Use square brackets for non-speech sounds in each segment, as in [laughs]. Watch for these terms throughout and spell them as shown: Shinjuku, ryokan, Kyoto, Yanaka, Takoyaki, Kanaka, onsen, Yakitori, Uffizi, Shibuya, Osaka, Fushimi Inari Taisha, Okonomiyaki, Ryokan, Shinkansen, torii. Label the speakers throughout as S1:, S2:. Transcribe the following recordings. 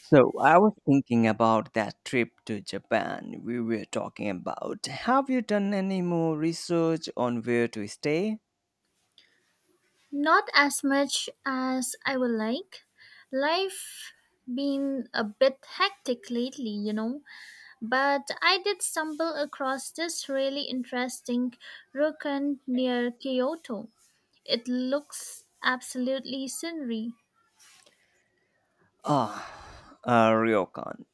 S1: So I was thinking about that trip to Japan we were talking about. Have you done any more research on where to stay?
S2: Not as much as I would like. Life been a bit hectic lately, you know, but I did stumble across this really interesting ruin near Kyoto. It looks absolutely scenery.
S1: Ah, Ryokan.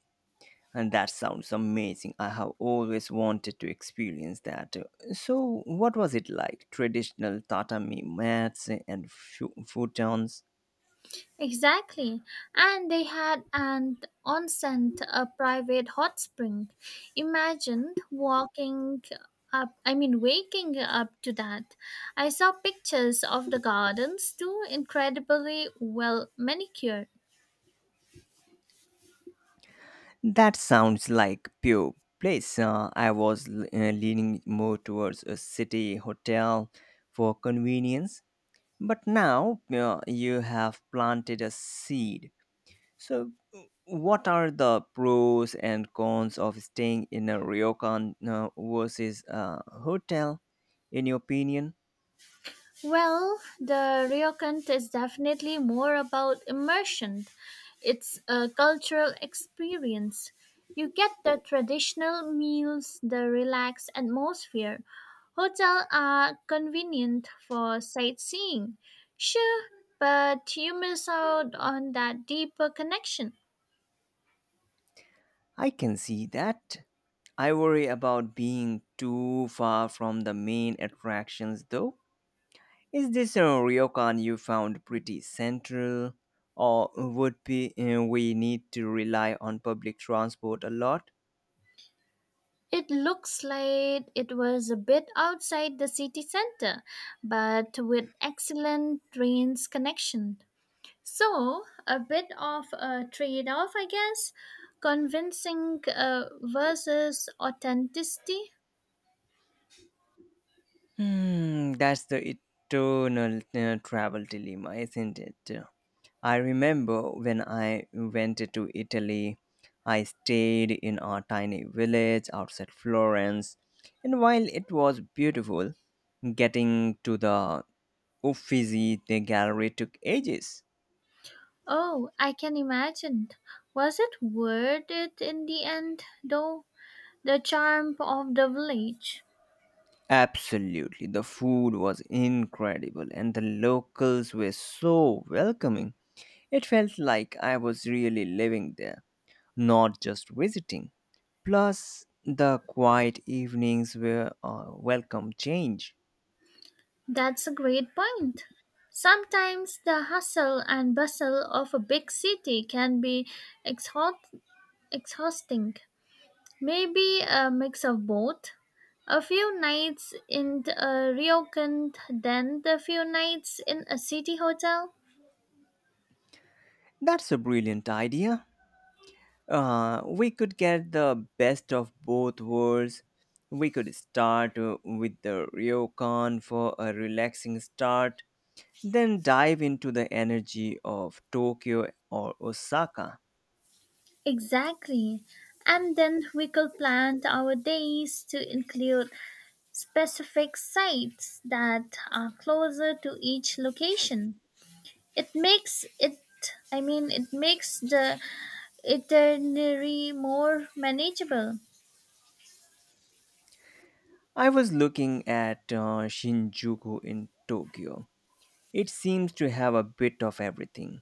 S1: And that sounds amazing. I have always wanted to experience that. So, what was it like? Traditional tatami mats and futons?
S2: Exactly. And they had an onsen, a private hot spring. Imagine walking waking up to that. I saw pictures of the gardens too, incredibly well manicured.
S1: That sounds like pure place. I was leaning more towards a city hotel for convenience, but now you have planted a seed. So, what are the pros and cons of staying in a ryokan versus a hotel? In your opinion,
S2: Well, the ryokan is definitely more about immersion. It's a cultural experience. You get the traditional meals, the relaxed atmosphere. Hotels are convenient for sightseeing, sure, but you miss out on that deeper connection.
S1: I can see that. I worry about being too far from the main attractions, though. Is this a ryokan you found pretty central, or would be we need to rely on public transport a lot?
S2: It looks like it was a bit outside the city center, but with excellent trains connection. So, a bit of a trade off, I guess. Convincing versus authenticity.
S1: Hmm, that's the eternal travel dilemma, isn't it? I remember when I went to Italy, I stayed in a tiny village outside Florence, and while it was beautiful, getting to the Uffizi the gallery took ages.
S2: Oh, I can imagine. Was it worth it in the end, though? The charm of the village.
S1: Absolutely, the food was incredible, and the locals were so welcoming. It felt like I was really living there, not just visiting. Plus, the quiet evenings were a welcome change.
S2: That's a great point. Sometimes the hustle and bustle of a big city can be exhaust- exhausting. Maybe a mix of both. A few nights in a ryokan, then the few nights in a city hotel.
S1: That's a brilliant idea. We could get the best of both worlds. We could start with the ryokan for a relaxing start, then dive into the energy of Tokyo or Osaka.
S2: Exactly. And then we could plan our days to include specific sites that are closer to each location. It makes it, I mean, It makes the itinerary more manageable.
S1: I was looking at Shinjuku in Tokyo. It seems to have a bit of everything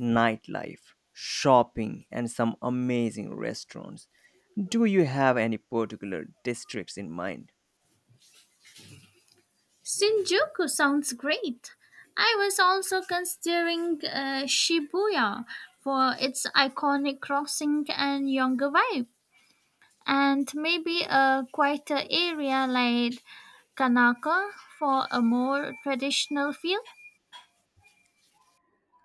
S1: nightlife, shopping, and some amazing restaurants. Do you have any particular districts in mind?
S2: Shinjuku sounds great. I was also considering Shibuya for its iconic crossing and younger vibe, and maybe a quieter area like Kanaka for a more traditional feel.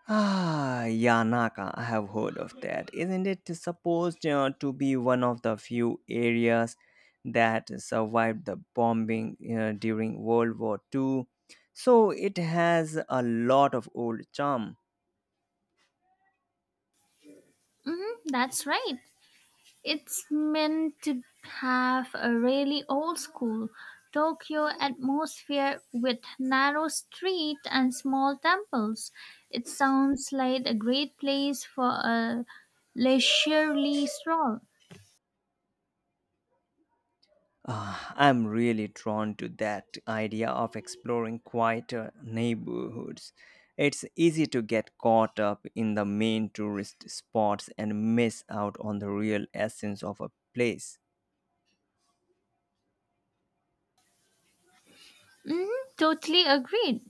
S1: Ah, Yanaka, I have heard of that. Isn't it supposed to be one of the few areas that survived the bombing during World War II? So it has a lot of old charm.
S2: Hmm, that's right. It's meant to have a really old school Tokyo atmosphere with narrow street and small temples. It sounds like a great place for a leisurely stroll.
S1: Ah, I'm really drawn to that idea of exploring quieter neighborhoods. It's easy to get caught up in the main tourist spots and miss out on the real essence of a place.
S2: Hmm, totally agreed.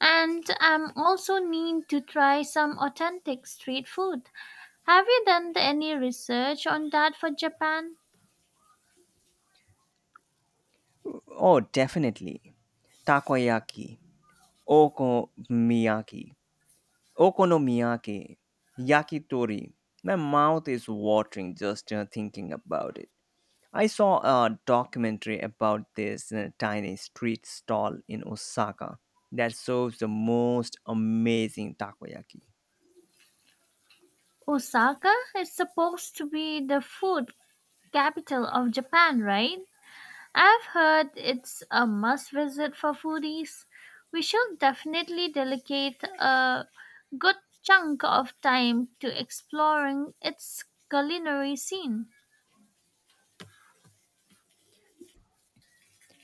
S2: And I'm also need to try some authentic street food. Have you done any research on that for Japan?
S1: Oh, definitely. Takoyaki, okomiyaki, okonomiyaki, yakitori. My mouth is watering just thinking about it. I saw a documentary about this tiny street stall in Osaka that serves the most amazing takoyaki.
S2: Osaka is supposed to be the food capital of Japan, right? I've heard it's a must visit for foodies. We should definitely dedicate a good chunk of time to exploring its culinary scene.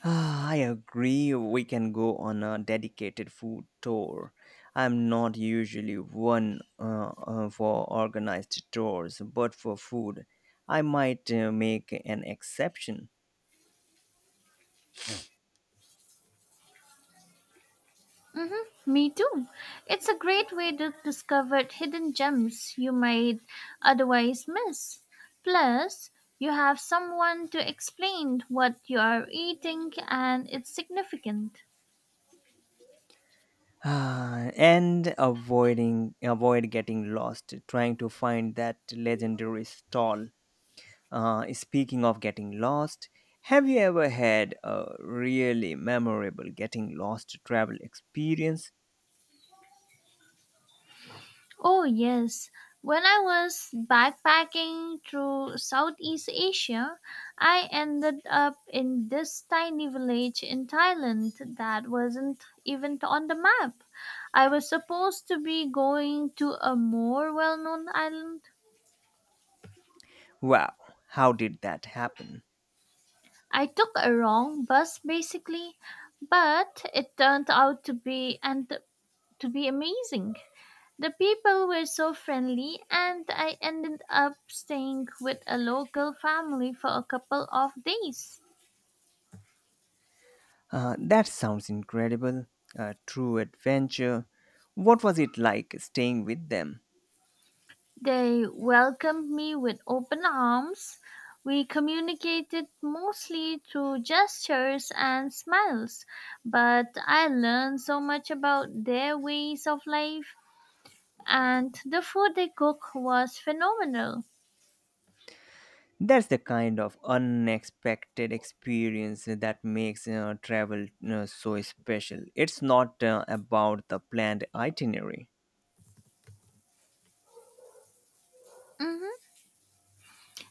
S1: Ah, I agree. We can go on a dedicated food tour. I'm not usually one for organized tours, but for food, I might make an exception.
S2: Mm-hmm, me too. It's a great way to discover hidden gems you might otherwise miss. Plus, you have someone to explain what you are eating and its significance.
S1: Ah, and avoid getting lost trying to find that legendary stall speaking of getting lost have you ever had a really memorable getting lost travel experience
S2: Oh, yes. When I was backpacking through Southeast Asia, I ended up in this tiny village in Thailand that wasn't even on the map. I was supposed to be going to a more well known island.
S1: wow how did that happen
S2: I took a wrong bus basically, but it turned out to be amazing. The people were so friendly, and I ended up staying with a local family for a couple of days.
S1: that sounds incredible a true adventure what was it like staying with them.
S2: They welcomed me with open arms. We communicated mostly through gestures and smiles, but I learned so much about their ways of life, and the food they cook was phenomenal.
S1: That's the kind of unexpected experience that makes travel so special. It's not about the planned itinerary.
S2: Mhm.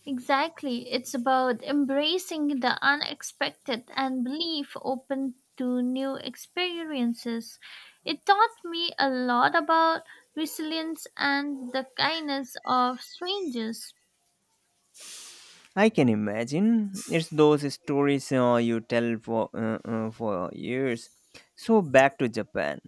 S2: Exactly. It's about embracing the unexpected and belief open to new experiences. It taught me a lot about resilience and the kindness of strangers.
S1: I can imagine it's those stories you tell for years. So back to Japan.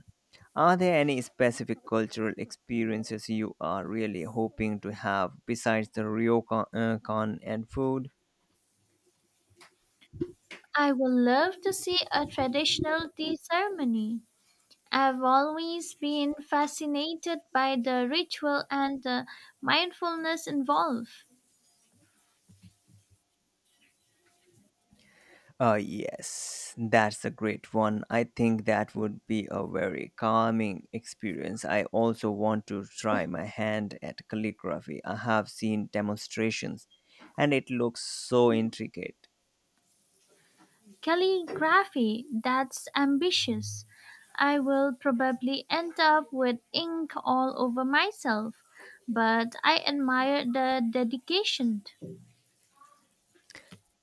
S1: Are there any specific cultural experiences you are really hoping to have besides the ryokan kan and food?
S2: I would love to see a traditional tea ceremony. I've always been fascinated by the ritual and the mindfulness involved.
S1: Yes, that's a great one. I think that would be a very calming experience. I also want to try my hand at calligraphy. I have seen demonstrations and it looks so intricate.
S2: Calligraphy, that's ambitious. I will probably end up with ink all over myself, but I admire the dedication.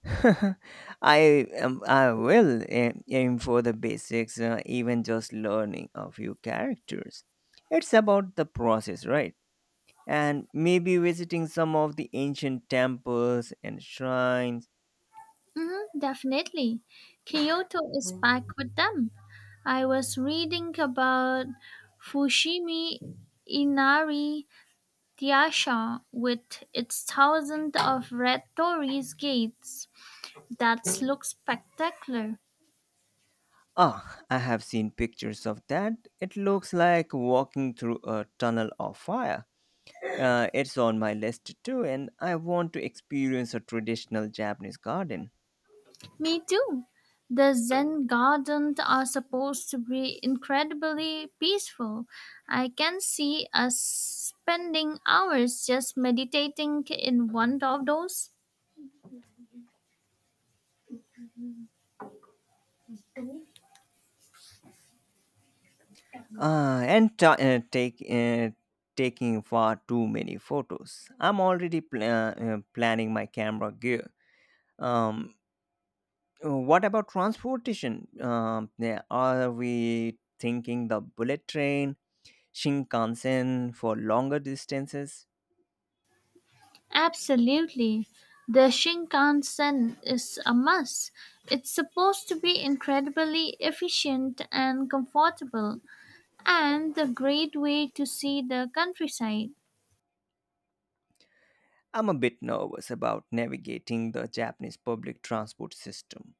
S1: [laughs] I will aim for the basics, even just learning a few characters. It's about the process, right? And maybe visiting some of the ancient temples and shrines.
S2: Mhm, definitely. Kyoto is packed with them. I was reading about Fushimi Inari Tiasha with its thousands of red torii gates. That looks spectacular.
S1: Ah, I have seen pictures of that. It looks like walking through a tunnel of fire. It's on my list too, and I want to experience a traditional Japanese garden.
S2: Me too. The Zen gardens are supposed to be incredibly peaceful. I can see us spending hours just meditating in one of those.
S1: And ta- take Taking far too many photos. I'm already planning my camera gear. Um, what about transportation? Yeah, are we thinking the bullet train, Shinkansen for longer distances?
S2: Absolutely. The Shinkansen is a must. It's supposed to be incredibly efficient and comfortable, and a great way to see the countryside.
S1: I'm a bit nervous about navigating the Japanese public transport system.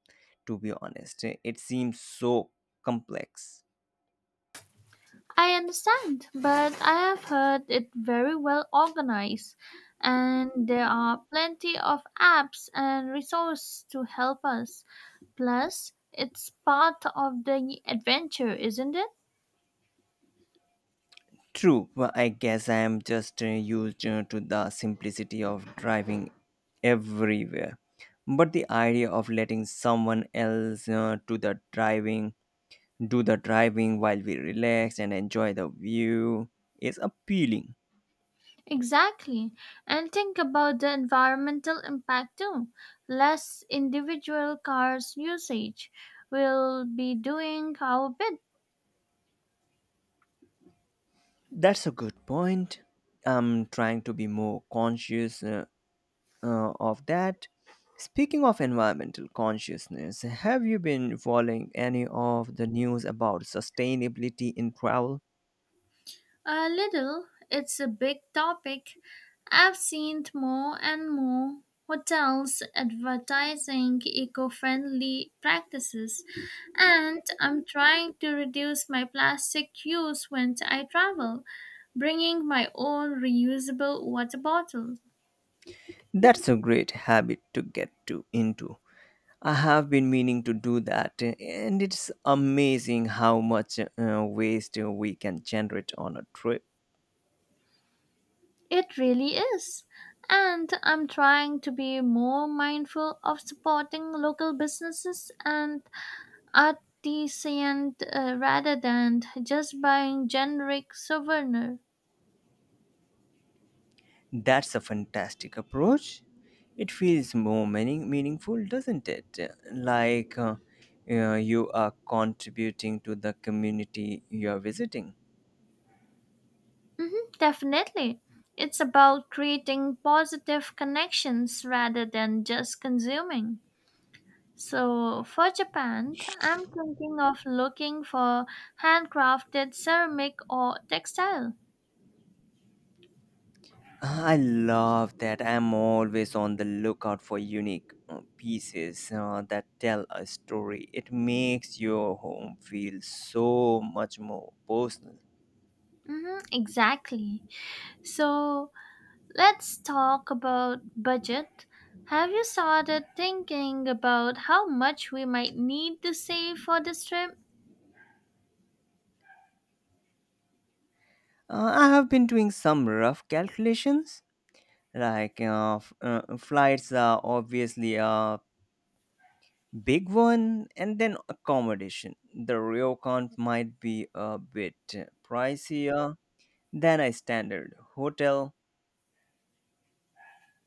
S1: To be honest, it seems so complex.
S2: I understand, but I have heard it very well organized, and there are plenty of apps and resources to help us. Plus, it's part of the adventure, isn't it?
S1: True, but I guess I am just used to the simplicity of driving everywhere. But the idea of letting someone else to the driving do the driving while we relax and enjoy the view is appealing.
S2: Exactly. And think about the environmental impact too. Less individual cars usage. We'll be doing our bit.
S1: That's a good point. I'm trying to be more conscious of that. Speaking of environmental consciousness, have you been following any of the news about sustainability in travel?
S2: A little. It's a big topic. I've seen more and more hotels advertising eco friendly practices, and I'm trying to reduce my plastic use when I travel, bringing my own reusable water bottle.
S1: That's a great habit to get to into. I have been meaning to do that, and it's amazing how much waste we can generate on a trip.
S2: It really is. And I'm trying to be more mindful of supporting local businesses and artisan rather than just buying generic souvenir.
S1: That's a fantastic approach. It feels more meaningful, doesn't it? Like you are contributing to the community you are visiting.
S2: Mhm, definitely. It's about creating positive connections rather than just consuming. So, for Japan, I'm thinking of looking for handcrafted ceramic or textile.
S1: I love that I'm always on the lookout for unique pieces that tell a story. It makes your home feel so much more personal.
S2: Hmm, exactly. So, let's talk about budget. Have you started thinking about how much we might need to save for this trip?
S1: I have been doing some rough calculations, like flights are obviously a big one, and then accommodation. The real count might be a bit pricier than a standard hotel.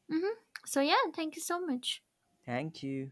S2: Hmm. So, yeah, thank you so much.
S1: Thank you.